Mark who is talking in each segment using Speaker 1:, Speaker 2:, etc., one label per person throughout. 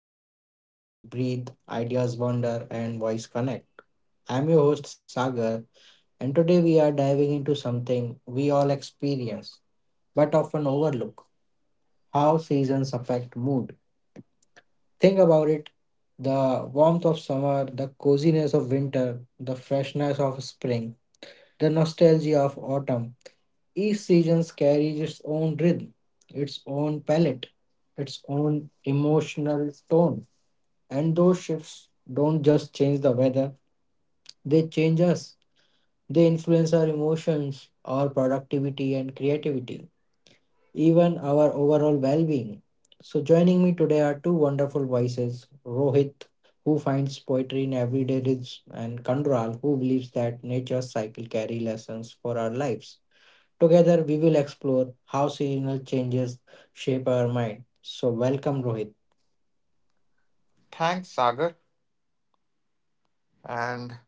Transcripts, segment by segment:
Speaker 1: space where stories breathe, ideas wander, and voice connect. I'm your host Sagar, and today we are diving into something we all experience but often overlook how seasons affect mood. Think about it the warmth of summer, the coziness of winter, the freshness of spring, the nostalgia of autumn. Each season carries its own rhythm, its own palette, its own emotional tone. And those shifts don't just change the weather, they change us. They influence our emotions, our productivity, and creativity, even our overall well being. So, joining me today are two wonderful voices Rohit, who finds poetry in everyday rhythms, and Kandral, who believes that nature's cycle carry lessons for our lives. Together, we will explore how seasonal changes shape our mind. So, welcome, Rohit.
Speaker 2: Thanks, Sagar. And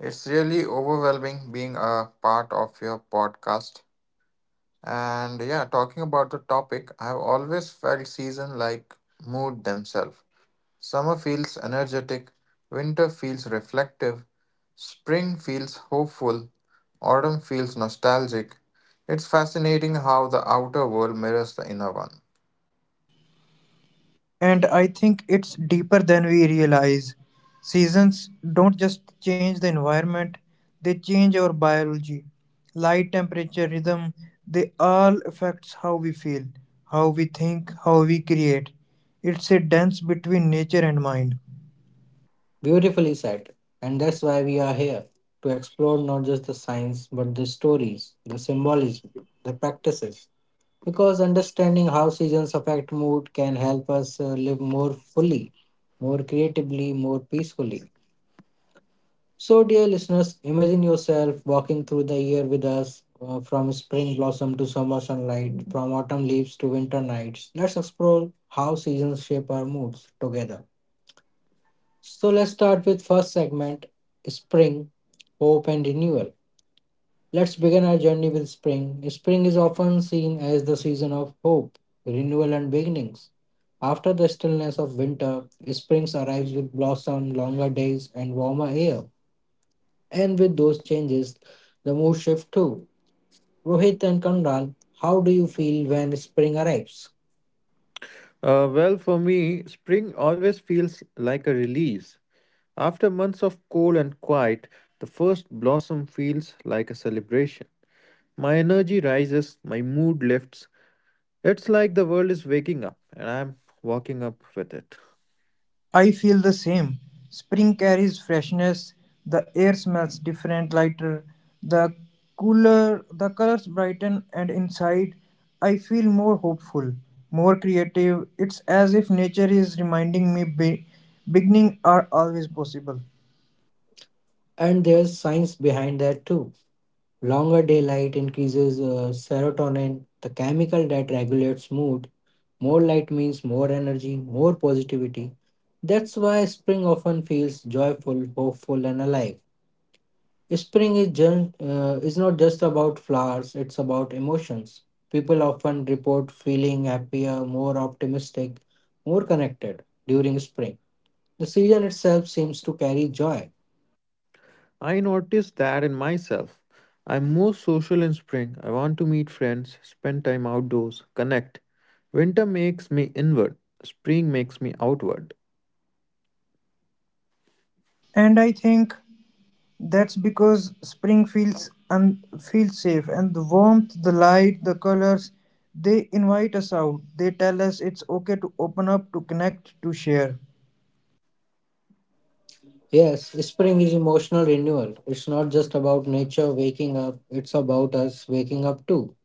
Speaker 2: it's really overwhelming being a part of your podcast. And yeah, talking about the topic, I've always felt season like mood themselves. Summer feels energetic, winter feels reflective, spring feels hopeful, autumn feels nostalgic. It's fascinating how the outer world mirrors the inner one.
Speaker 3: And I think it's deeper than we realize. Seasons don't just change the environment, they change our biology. Light, temperature, rhythm, they all affects how we feel, how we think, how we create. It's a dance between nature and mind.
Speaker 1: Beautifully said. And that's why we are here to explore not just the science, but the stories, the symbolism, the practices. Because understanding how seasons affect mood can help us live more fully, more creatively, more peacefully. So, dear listeners, imagine yourself walking through the year with us from spring blossom to summer sunlight, from autumn leaves to winter nights. Let's explore how seasons shape our moods together. So, let's start with first segment spring, hope and renewal. Let's begin our journey with spring. Spring is often seen as the season of hope, renewal and beginnings. After the stillness of winter, spring arrives with blossom, longer days and warmer air. And with those changes, the mood shift too. Rohit and Kanral, how do you feel when spring arrives?
Speaker 2: And quiet, the first blossom feels like a celebration. My energy rises, my mood lifts. It's like the world is waking up and I'm walking up with it.
Speaker 3: I feel the same. Spring carries freshness, the air smells different, lighter, the cooler, the colors brighten, and inside I feel more hopeful, more creative. It's as if nature is reminding me beginning are always possible.
Speaker 1: And there's science behind that too. Longer daylight increases serotonin, the chemical that regulates mood. More light means more energy, more positivity. That's why spring often feels joyful, hopeful, and alive. Spring is just, is not just about flowers, it's about emotions. People often report feeling happier, more optimistic, more connected during spring. The season itself seems to carry joy.
Speaker 2: I notice that in myself. I'm more social in spring. I want to meet friends, spend time outdoors, connect. Winter makes me inward, spring makes me outward.
Speaker 3: And I think that's because spring feels safe and the warmth, the light, the colors, they invite us out. They tell us it's okay to open up, to connect, to share.
Speaker 1: Yes, spring is emotional renewal. It's not just about nature waking up, it's about us waking up too.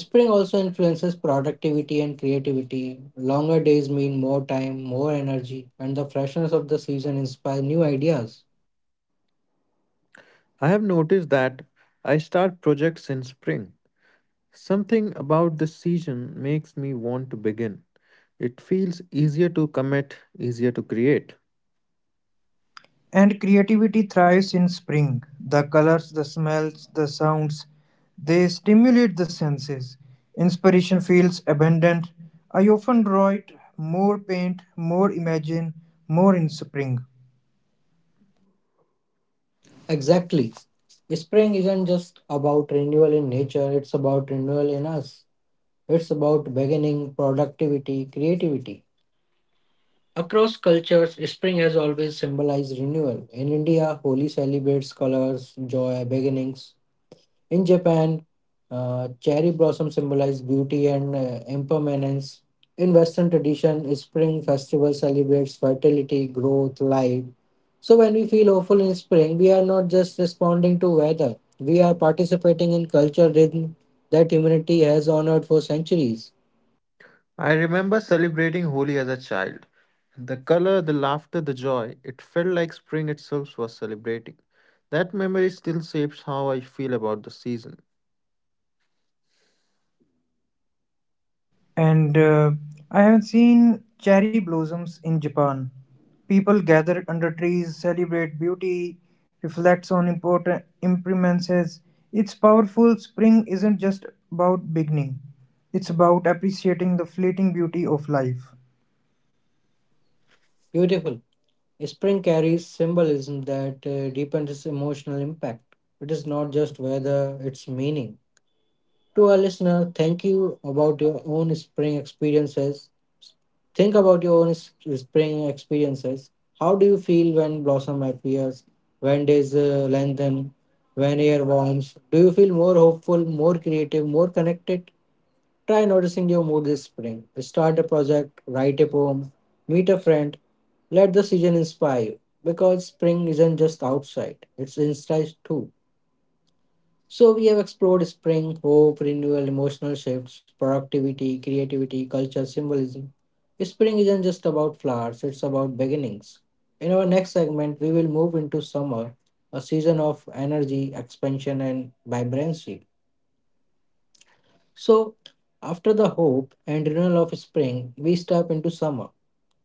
Speaker 1: Spring also influences productivity and creativity. Longer days mean more time, more energy, and the freshness of the season inspires new ideas.
Speaker 2: I have noticed that I start projects in spring. Something about this season makes me want to begin. It feels easier to commit, easier to create.
Speaker 3: And creativity thrives in spring. The colors, the smells, the sounds, they stimulate the senses. Inspiration feels abundant. I often draw it more paint, more imagine, more in spring.
Speaker 1: Exactly. Spring isn't just about renewal in nature, it's about renewal in us. It's about beginning, productivity, creativity. Across cultures, spring has always symbolized renewal. In India, Holi celebrates colors, joy, beginnings. In Japan, cherry blossom symbolizes beauty and impermanence. In Western tradition, spring festival celebrates fertility, growth, life. So when we feel hopeful in spring, we are not just responding to weather. We are participating in culture rhythm that humanity has honored for centuries.
Speaker 2: I remember celebrating Holi as a child. The color, the laughter, the joy, it felt like spring itself was celebrating. That memory still shapes how I feel about the season.
Speaker 3: And I have seen cherry blossoms in Japan. People gather under trees, celebrate beauty, reflects on important impermanences. It's powerful. Spring isn't just about beginning. It's about appreciating the fleeting beauty of life.
Speaker 1: Beautiful. Spring carries symbolism that deepens its emotional impact. It is not just weather, it's meaning. To our listener, thank you about your own spring experiences. Think about your own spring experiences. How do you feel when blossom appears? When days lengthen? When air warms? Do you feel more hopeful, more creative, more connected? Try noticing your mood this spring. Start a project, write a poem, meet a friend. Let the season inspire you because spring isn't just outside, it's inside too. So, we have explored spring, hope, renewal, emotional shifts, productivity, creativity, culture, symbolism. Spring isn't just about flowers, it's about beginnings. In our next segment, we will move into summer, a season of energy, expansion, and vibrancy. So, after the hope and renewal of spring, we step into summer,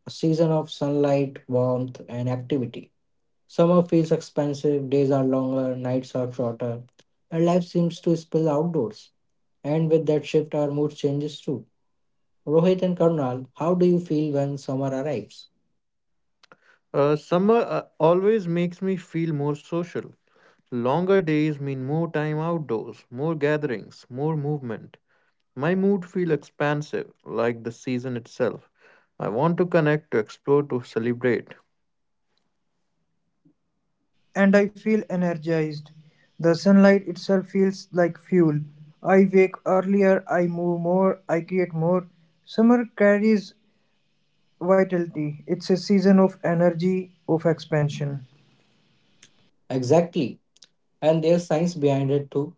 Speaker 1: a season of sunlight, warmth, and activity. Summer feels expensive, days are longer, nights are shorter, and life seems to spill outdoors. And with that shift, our mood changes too. Rohit and Karnal, how do you feel when summer arrives?
Speaker 2: Summer always makes me feel more social. Longer days mean more time outdoors, more gatherings, more movement. My mood feels expansive, like the season itself. I want to connect, to explore, to celebrate.
Speaker 3: And I feel energized. The sunlight itself feels like fuel. I wake earlier, I move more, I create more. Summer carries vitality. It's a season of energy, of expansion.
Speaker 1: Exactly, and there's science behind it too.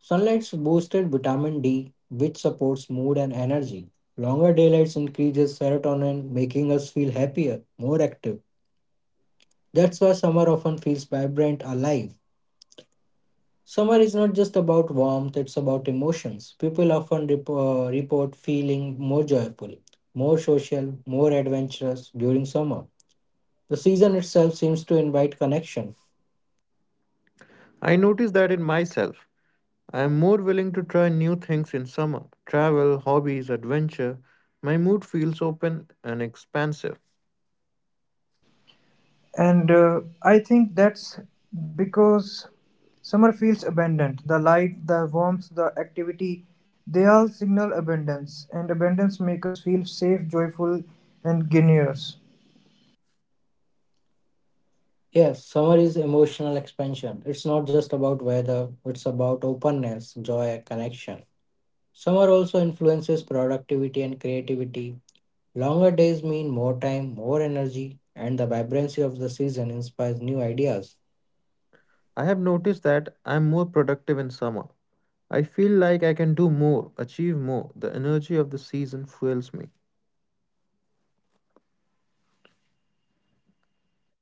Speaker 1: Sunlight's boosted vitamin D, which supports mood and energy. Longer daylights increases serotonin, making us feel happier, more active. That's why summer often feels vibrant, alive. Summer is not just about warmth, it's about emotions. People often report feeling more joyful, more social, more adventurous during summer. The season itself seems to invite connection.
Speaker 2: I notice that in myself. I am more willing to try new things in summer travel, hobbies, adventure. My mood feels open and expansive.
Speaker 3: And I think that's because summer feels abundant. The light, the warmth, the activity, they all signal abundance. And abundance make us feel safe, joyful, and generous.
Speaker 1: Yes, summer is emotional expansion. It's not just about weather, it's about openness, joy, connection. Summer also influences productivity and creativity. Longer days mean more time, more energy, and the vibrancy of the season inspires new ideas.
Speaker 2: I have noticed that I am more productive in summer. I feel like I can do more, achieve more. The energy of the season fuels me.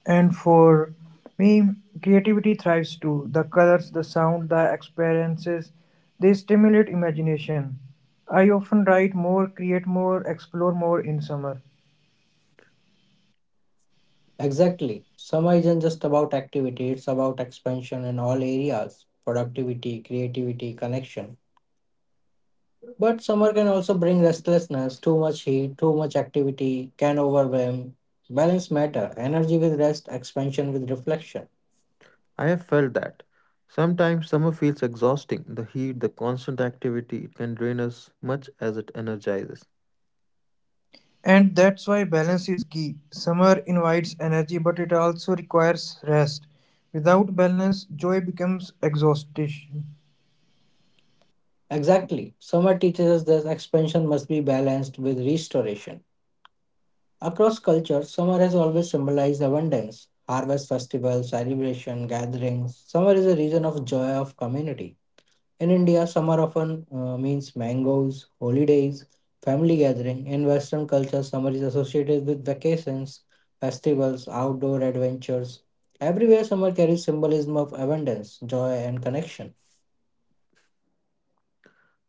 Speaker 3: And for me, creativity thrives too. The colors, the sound, the experiences, they stimulate imagination. I often write more, create more, explore more in summer.
Speaker 1: Exactly. Summer isn't just about activity, it's about expansion in all areas productivity, creativity, connection. But summer can also bring restlessness. Too much heat, too much activity can overwhelm. Balance matter, energy with rest, expansion with reflection.
Speaker 2: I have felt that. Sometimes summer feels exhausting. The heat, the constant activity, it can drain us much as it energizes.
Speaker 3: And that's why balance is key. Summer invites energy, but it also requires rest. Without balance, joy becomes exhaustion.
Speaker 1: Exactly. Summer teaches us that expansion must be balanced with restoration. Across cultures, summer has always symbolized abundance. Harvest festivals, celebration, gatherings. Summer is a region of joy of community. In India, summer often means mangoes, holidays, family gathering. In Western culture, summer is associated with vacations, festivals, outdoor adventures. Everywhere, summer carries symbolism of abundance, joy, and connection.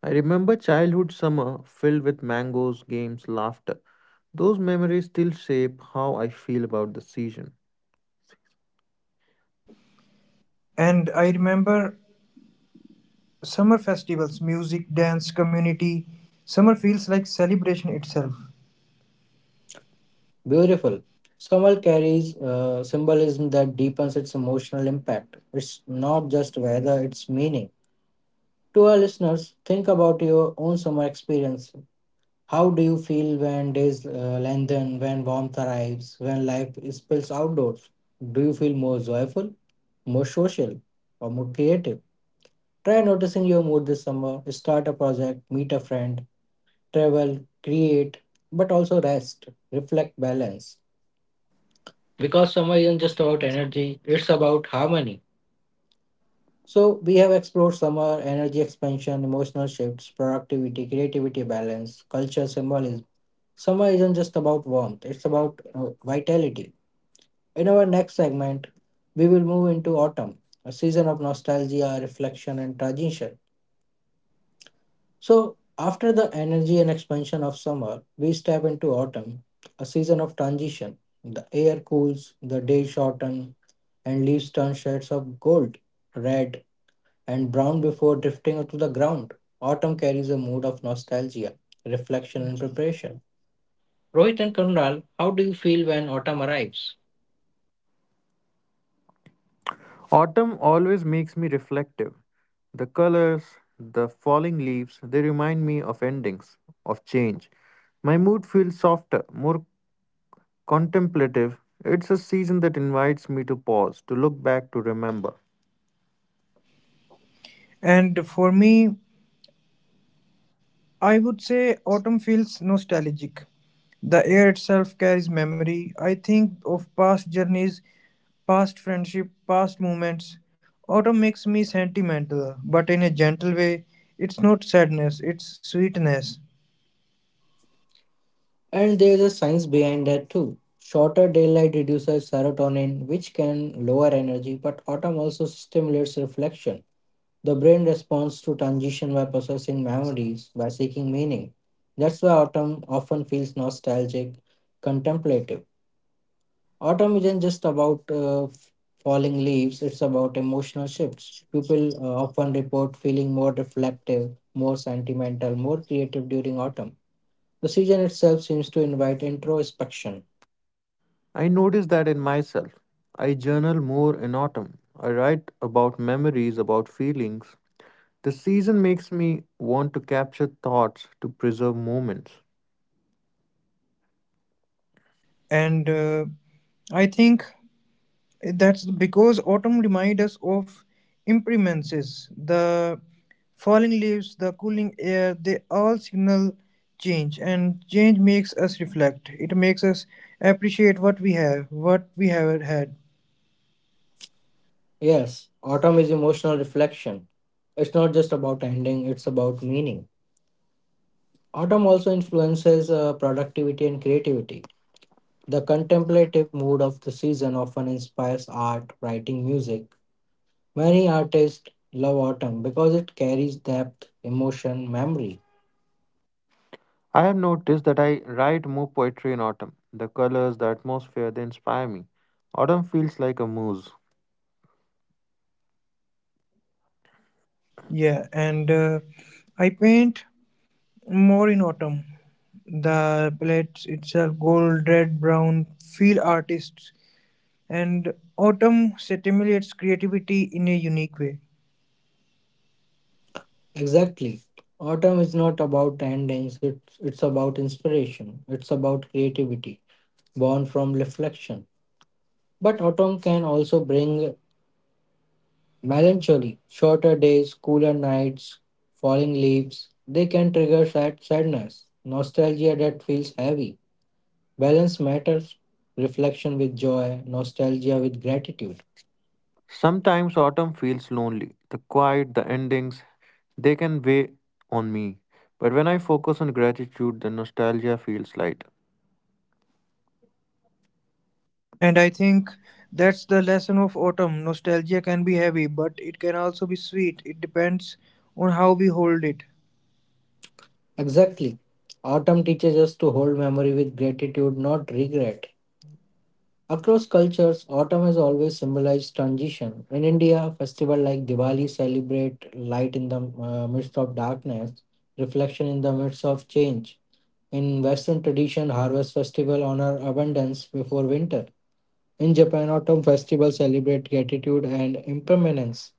Speaker 2: I remember childhood summer filled with mangoes, games, laughter. Those memories still shape how I feel about the season.
Speaker 3: And I remember summer festivals, music, dance, community. Summer feels like celebration itself.
Speaker 1: Beautiful. Summer carries symbolism that deepens its emotional impact. It's not just weather, it's meaning. To our listeners, think about your own summer experience. How do you feel when days lengthen, when warmth arrives, when life spills outdoors? Do you feel more joyful, more social, or more creative? Try noticing your mood this summer. Start a project, meet a friend, travel, create, but also rest, reflect, balance. Because summer isn't just about energy, it's about harmony. So, we have explored summer, energy expansion, emotional shifts, productivity, creativity, balance, culture, symbolism. Summer isn't just about warmth, it's about vitality. In our next segment, we will move into autumn, a season of nostalgia, reflection, and transition. So, after the energy and expansion of summer, we step into autumn, a season of transition. The air cools, the days shorten, and leaves turn shades of gold, red, and brown before drifting to the ground. Autumn carries a mood of nostalgia, reflection, and preparation. Rohit and Kunal, how do you feel when autumn arrives?
Speaker 2: Autumn always makes me reflective. The colors, the falling leaves, they remind me of endings, of change. My mood feels softer, more contemplative. It's a season that invites me to pause, to look back, to remember.
Speaker 3: And for me, I would say autumn feels nostalgic. The air itself carries memory. I think of past journeys, past friendship, past moments. Autumn makes me sentimental, but in a gentle way. It's not sadness, it's sweetness.
Speaker 1: And there's a science behind that too. Shorter daylight reduces serotonin, which can lower energy, but autumn also stimulates reflection. The brain responds to transition by processing memories, by seeking meaning. That's why autumn often feels nostalgic, contemplative. Autumn isn't just about falling leaves, it's about emotional shifts. People often report feeling more reflective, more sentimental, more creative during autumn. The season itself seems to invite introspection.
Speaker 2: I notice that in myself. I journal more in autumn. I write about memories, about feelings, the season makes me want to capture thoughts to preserve moments.
Speaker 3: And I think that's because autumn reminds us of impermanences. The falling leaves, the cooling air, they all signal change, and change makes us reflect. It makes us appreciate what we have had.
Speaker 1: Yes, autumn is emotional reflection. It's not just about ending, it's about meaning. Autumn also influences productivity and creativity. The contemplative mood of the season often inspires art, writing, music. Many artists love autumn because it carries depth, emotion, memory.
Speaker 2: I have noticed that I write more poetry in autumn. The colors, the atmosphere, they inspire me. Autumn feels like a muse.
Speaker 3: Yeah, and I paint more in autumn. The palettes itself, gold, red, brown, feel artists, and autumn stimulates creativity in a unique way.
Speaker 1: Exactly. Autumn is not about endings, it's about inspiration, it's about creativity, born from reflection. But autumn can also bring melancholy, shorter days, cooler nights, falling leaves, they can trigger sadness, nostalgia that feels heavy. Balance matters, reflection with joy, nostalgia with gratitude.
Speaker 2: Sometimes autumn feels lonely. The quiet, the endings, they can weigh on me. But when I focus on gratitude, the nostalgia feels light.
Speaker 3: And I think that's the lesson of autumn. Nostalgia can be heavy, but it can also be sweet. It depends on how we hold it.
Speaker 1: Exactly. Autumn teaches us to hold memory with gratitude, not regret. Across cultures, autumn has always symbolized transition. In India, festivals like Diwali celebrate light in the midst of darkness, reflection in the midst of change. In Western tradition, harvest festival honor abundance before winter. In Japan, autumn festival celebrate gratitude and impermanence.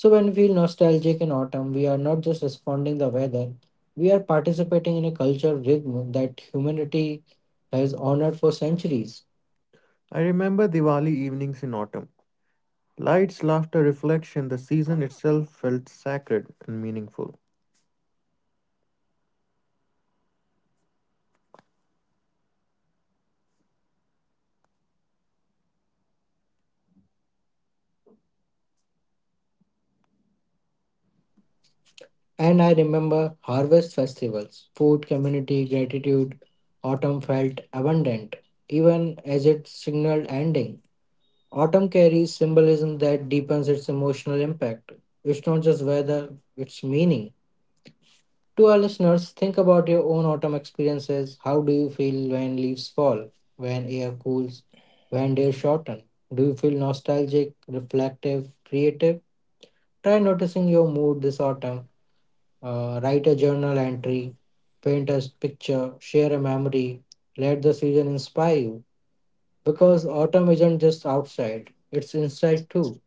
Speaker 1: So when we feel nostalgic in autumn, we are not just responding the weather, we are participating in a cultural rhythm that humanity has honored for centuries.
Speaker 2: I remember Diwali evenings in autumn. Lights, laughter, reflection, the season itself felt sacred and meaningful.
Speaker 1: And I remember harvest festivals, food, community, gratitude, autumn felt abundant, even as it signaled ending. Autumn carries symbolism that deepens its emotional impact. It's not just weather, it's meaning. To our listeners, think about your own autumn experiences. How do you feel when leaves fall, when air cools, when days shorten? Do you feel nostalgic, reflective, creative? Try noticing your mood this autumn. Write a journal entry, paint a picture, share a memory. Let the season inspire you. Because autumn isn't just outside, it's inside too.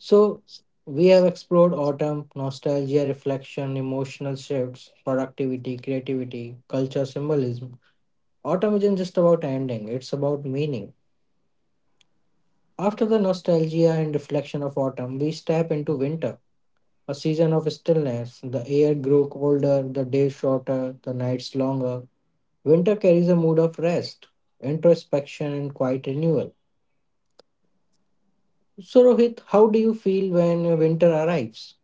Speaker 1: So, we have explored autumn, nostalgia, reflection, emotional shifts, productivity, creativity, culture, symbolism. Autumn isn't just about ending, it's about meaning. After the nostalgia and reflection of autumn, we step into winter, a season of stillness. The air grew colder, the days shorter, the nights longer. Winter carries a mood of rest, introspection, and quiet renewal. So, Rohit, how do you feel when winter arrives?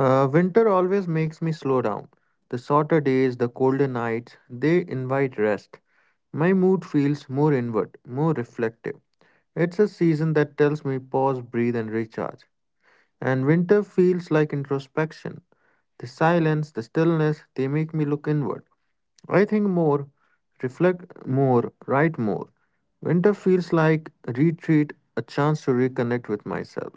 Speaker 2: Winter always makes me slow down. The shorter days, the colder nights, they invite rest. My mood feels more inward, more reflective. It's a season that tells me pause, breathe, and recharge. And winter feels like introspection. The silence, the stillness, they make me look inward. I think more, reflect more, write more. Winter feels like a retreat, a chance to reconnect with myself.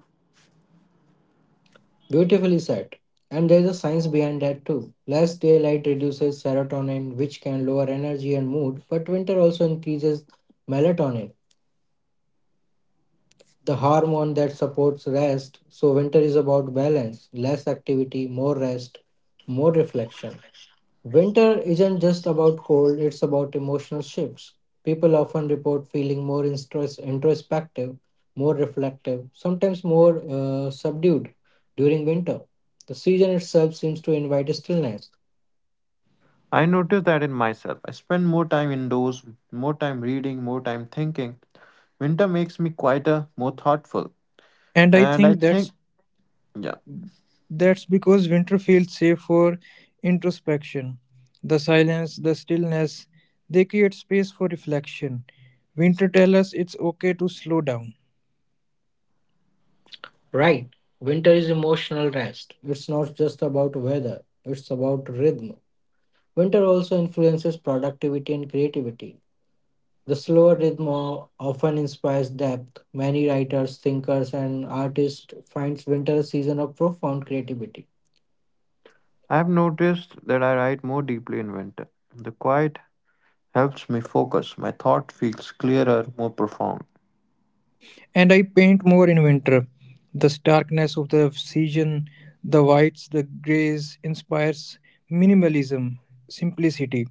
Speaker 1: Beautifully said. And there's a science behind that too. Less daylight reduces serotonin, which can lower energy and mood, but winter also increases melatonin, the hormone that supports rest. So, winter is about balance less activity, more rest, more reflection. Winter isn't just about cold, it's about emotional shifts. People often report feeling more introspective, more reflective, sometimes more subdued during winter. The season itself seems to invite stillness.
Speaker 2: I noticed that in myself. I spend more time indoors, more time reading, more time thinking. Winter makes me quieter, more thoughtful.
Speaker 3: And I
Speaker 2: And I
Speaker 3: think
Speaker 2: think,
Speaker 3: that's
Speaker 2: yeah,
Speaker 3: that's because winter feels safe for introspection. The silence, the stillness, they create space for reflection. Winter tells us it's okay to slow down.
Speaker 1: Right, winter is emotional rest. It's not just about weather, it's about rhythm. Winter also influences productivity and creativity. The slow rhythm often inspires depth. Many writers, thinkers, and artists find winter a season of profound creativity.
Speaker 2: I've noticed that I write more deeply in winter. The quiet helps me focus. My thought feels clearer, more profound.
Speaker 3: And I paint more in winter. The starkness of the season, the whites, the grays inspires minimalism, simplicity.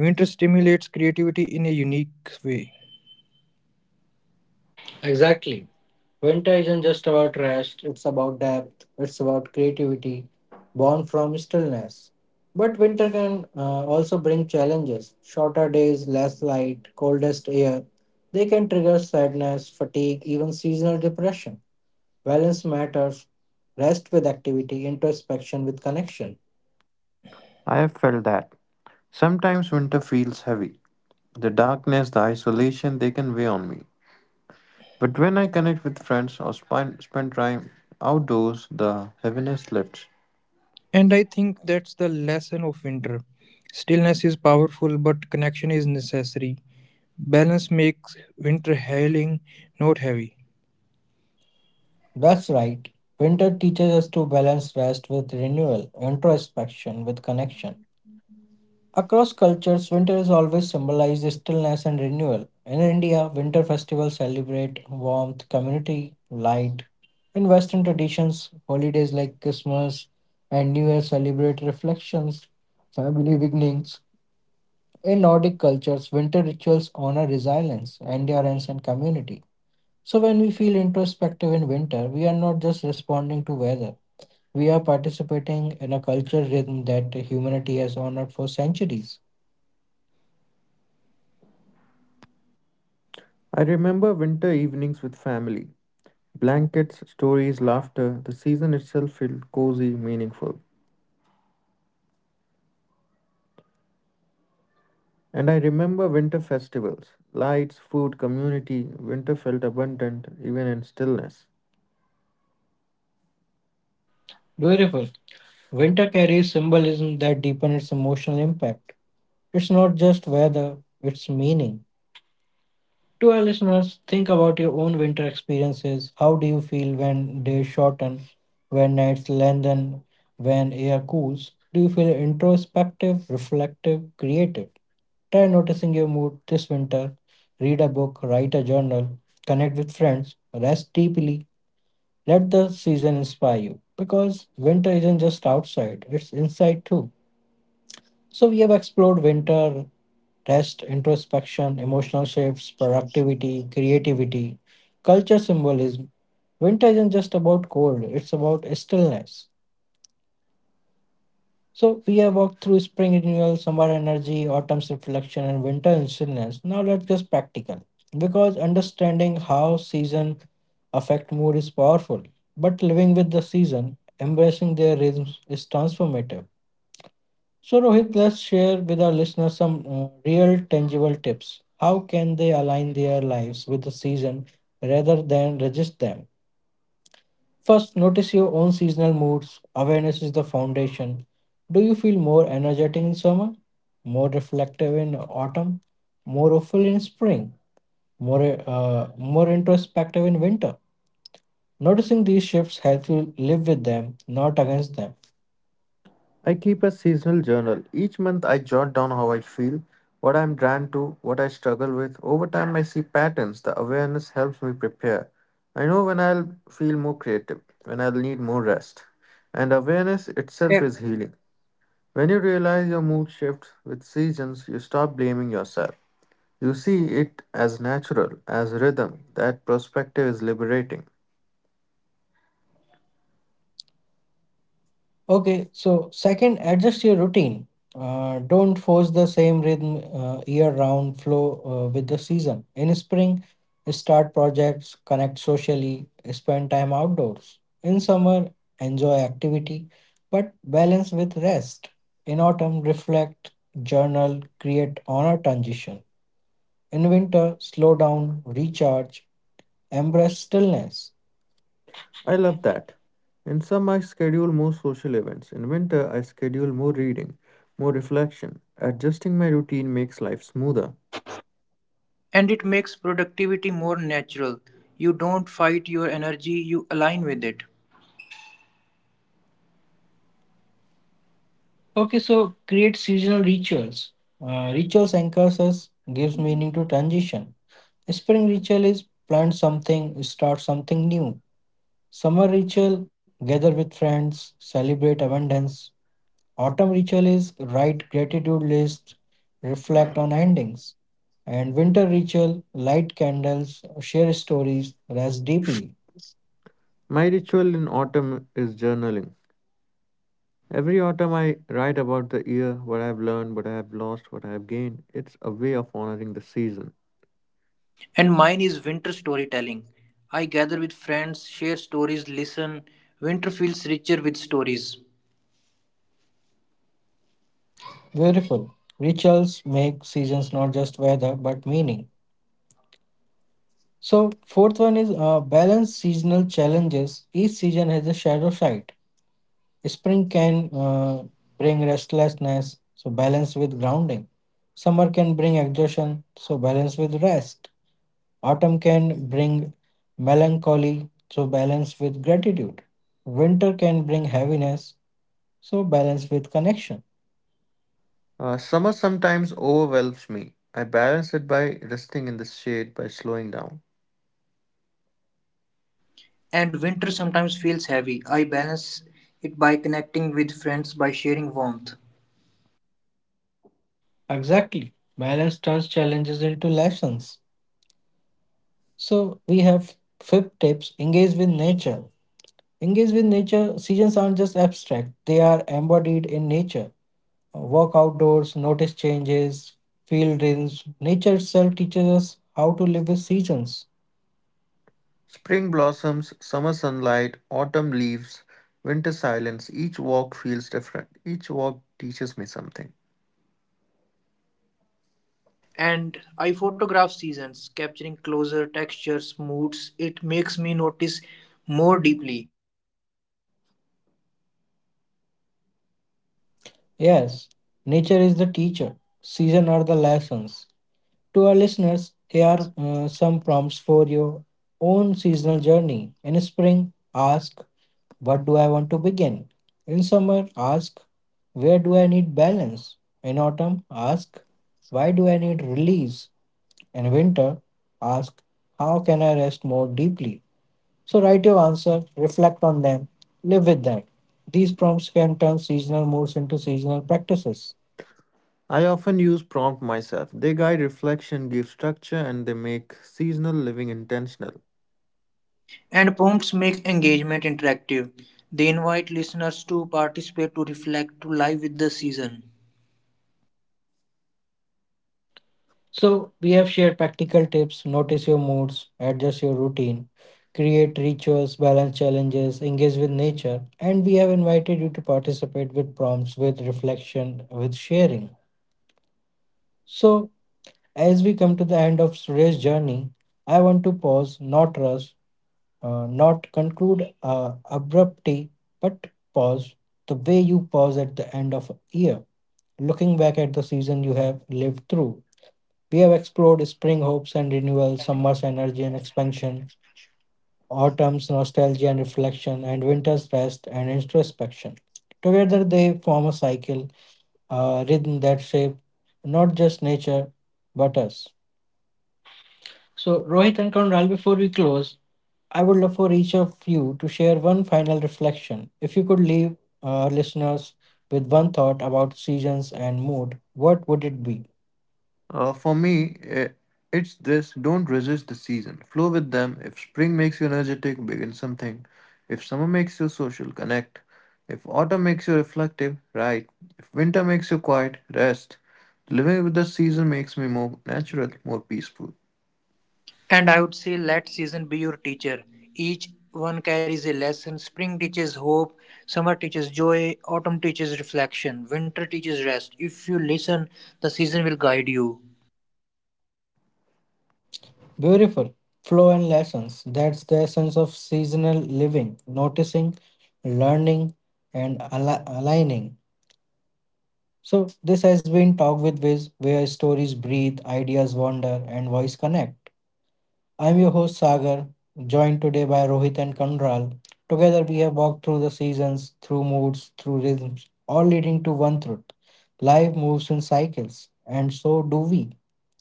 Speaker 3: Winter stimulates creativity in a unique way.
Speaker 1: Exactly. Winter isn't just about rest, it's about depth, it's about creativity born from stillness. But winter can also bring challenges: shorter days, less light, coldest air. They can trigger sadness, fatigue, even seasonal depression. Balance matters: rest with activity, introspection with connection.
Speaker 2: I have felt that. Sometimes winter feels heavy. The darkness, the isolation, they can weigh on me. But when I connect with friends or spend time outdoors, the heaviness lifts.
Speaker 3: And I think that's the lesson of winter. Stillness is powerful, but connection is necessary. Balance makes winter healing, not heavy.
Speaker 1: That's right. Winter teaches us to balance rest with renewal, introspection with connection. Across cultures, winter is always symbolized stillness and renewal. In India, winter festivals celebrate warmth, community, light. In Western traditions, holidays like Christmas and New Year celebrate reflections, family beginnings. In Nordic cultures, winter rituals honor resilience, endurance, and community. So, when we feel introspective in winter, we are not just responding to weather, we are participating in a cultural rhythm that humanity has honored for centuries.
Speaker 2: I remember winter evenings with family. Blankets, stories, laughter, the season itself felt cozy, meaningful.
Speaker 3: And I remember winter festivals, lights, food, community.
Speaker 2: And I remember
Speaker 3: Winter,
Speaker 2: winter festivals. Lights, food, community. Winter felt abundant, even in stillness.
Speaker 1: Beautiful. Winter carries symbolism that deepens its emotional impact. It's not just weather, it's meaning. To our listeners, think about your own winter experiences. How do you feel when days shorten, when nights lengthen, when air cools? Do you feel introspective, reflective, creative? Try noticing your mood this winter. Read a book, write a journal, connect with friends, rest deeply. Let the season inspire you, because winter isn't just outside, it's inside too. So, we have explored winter: rest, introspection, emotional shifts, productivity, creativity, culture symbolism. Winter isn't just about cold, it's about stillness. So we have walked through spring renewal, summer energy, autumn's reflection, and winter stillness. Now let's get practical, because understanding how season affect mood is powerful, but living with the season, embracing their rhythms, is transformative. So, Rohit, let's share with our listeners some real, tangible tips. How can they align their lives with the season rather than resist them? First, notice your own seasonal moods. Awareness is the foundation. Do you feel more energetic in summer, more reflective in autumn, more hopeful in spring, more more introspective in winter? Noticing these shifts helps you live with them, not against them.
Speaker 2: I keep a seasonal journal. Each month I jot down how I feel, what I'm drawn to, what I struggle with. Over time I see patterns. The awareness helps me prepare. I know when I'll feel more creative, when I'll need more rest. And awareness itself is healing. When you realize your mood shifts with seasons, you stop blaming yourself. You see it as natural, as rhythm. That perspective is liberating.
Speaker 1: Okay, so second, adjust your routine. Don't force the same rhythm year-round. Flow with the season. In spring, start projects, connect socially, spend time outdoors. In summer, enjoy activity, but balance with rest. In autumn, reflect, journal, create, honor transition. In winter, slow down, recharge, embrace stillness.
Speaker 2: I love that. In summer, I schedule more social events. In winter, I schedule more reading, more reflection. Adjusting my routine makes life smoother.
Speaker 3: and it makes productivity more natural. You don't fight your energy, you align with it.
Speaker 1: Okay, so create seasonal rituals. Rituals anchors us, gives meaning to transition. Spring ritual is plant something, start something new. Summer ritual, gather with friends, celebrate abundance. Autumn ritual is write gratitude list, reflect on endings. And winter ritual, light candles, share stories, rest deeply.
Speaker 2: My ritual in autumn is journaling. Every autumn, I write about the year, what I've learned, what I've lost, what I've gained. It's a way of honoring the season.
Speaker 3: And mine is winter storytelling. I gather with friends, share stories, listen. Winter feels richer with stories.
Speaker 1: Beautiful. Rituals make seasons not just weather but meaning. So, fourth one is balance seasonal challenges. Each season has a shadow side. Spring can bring restlessness, so balance with grounding. Summer can bring exhaustion, so balance with rest. Autumn can bring melancholy, so balance with gratitude. Winter can bring heaviness, so balance with connection.
Speaker 2: Summer sometimes overwhelms me. I balance it by resting in the shade, by slowing down.
Speaker 3: And winter sometimes feels heavy. I balance it by connecting with friends, by sharing warmth.
Speaker 1: Exactly. Balance turns challenges into lessons. So, we have fifth tips: engage with nature. Engage with nature, seasons aren't just abstract, they are embodied in nature. Walk outdoors, notice changes, feel rhythms. Nature itself teaches us how to live with seasons.
Speaker 2: Spring blossoms, summer sunlight, autumn leaves, winter silence. Each walk feels different. Each walk teaches me something.
Speaker 3: And I photograph seasons, capturing closer textures, moods. It makes me notice more deeply. Photography becomes reflection.
Speaker 1: Yes, nature is the teacher, seasons are the lessons. To our listeners, here are some prompts for your own seasonal journey. In spring, ask, "What do I want to begin?" In summer, ask, "Where do I need balance?" In autumn, ask, "Why do I need release?" In winter, ask, "How can I rest more deeply?" So write your answer, reflect on them, live with them. These prompts can turn seasonal moods into seasonal practices.
Speaker 2: I often use prompt myself. They guide reflection, give structure, and they make seasonal living intentional.
Speaker 3: And prompts make engagement interactive. They invite listeners to participate, to reflect, to live with the season.
Speaker 1: So, we have shared practical tips: notice your moods, adjust your routine, create rituals, balance challenges, engage with nature, and we have invited you to participate with prompts, with reflection, with sharing. So, as we come to the end of today's journey, I want to pause, not rush, not conclude abruptly, but pause the way you pause at the end of a year, looking back at the season you have lived through. We have explored spring hopes and renewal, summer's energy and expansion, autumn's nostalgia and reflection, and winter's rest and introspection. Together, they form a cycle, a rhythm that shapes not just nature but us. So, Rohit and Conral, before we close, I would love for each of you to share one final reflection. If you could leave our listeners with one thought about seasons and mood, what would it be?
Speaker 2: For me, it's this don't resist the season. Flow with them. If spring makes you energetic, begin something. If summer makes you social, connect. If autumn makes you reflective, write. If winter makes you quiet, rest. Living with the season makes me more natural, more peaceful.
Speaker 3: And I would say let season be your teacher. Each one carries a lesson. Spring teaches hope, summer teaches joy, autumn teaches reflection, winter teaches rest. If you listen, the season will guide you.
Speaker 1: Beautiful. Flow and lessons. That's the essence of seasonal living: noticing, learning, and aligning. So, this has been Talk with Viz, where stories breathe, ideas wander, and voice connect. I'm your host, Sagar, joined today by Rohit and Kandral. Together, we have walked through the seasons, through moods, through rhythms, all leading to one truth: life moves in cycles, and so do we.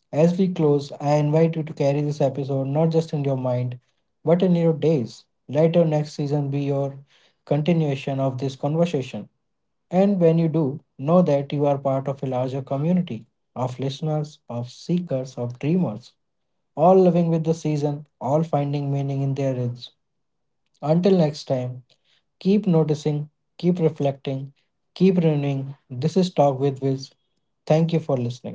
Speaker 1: As we close, I invite you to carry this episode not just in your mind, but in your days. Let your next season be your continuation of this conversation. And when you do, know that you are part of a larger community of listeners, of seekers, of dreamers, all living with the season, all finding meaning in their roots. Until next time, keep noticing, keep reflecting, keep renewing. This is Talk with Wiz. Thank you for listening.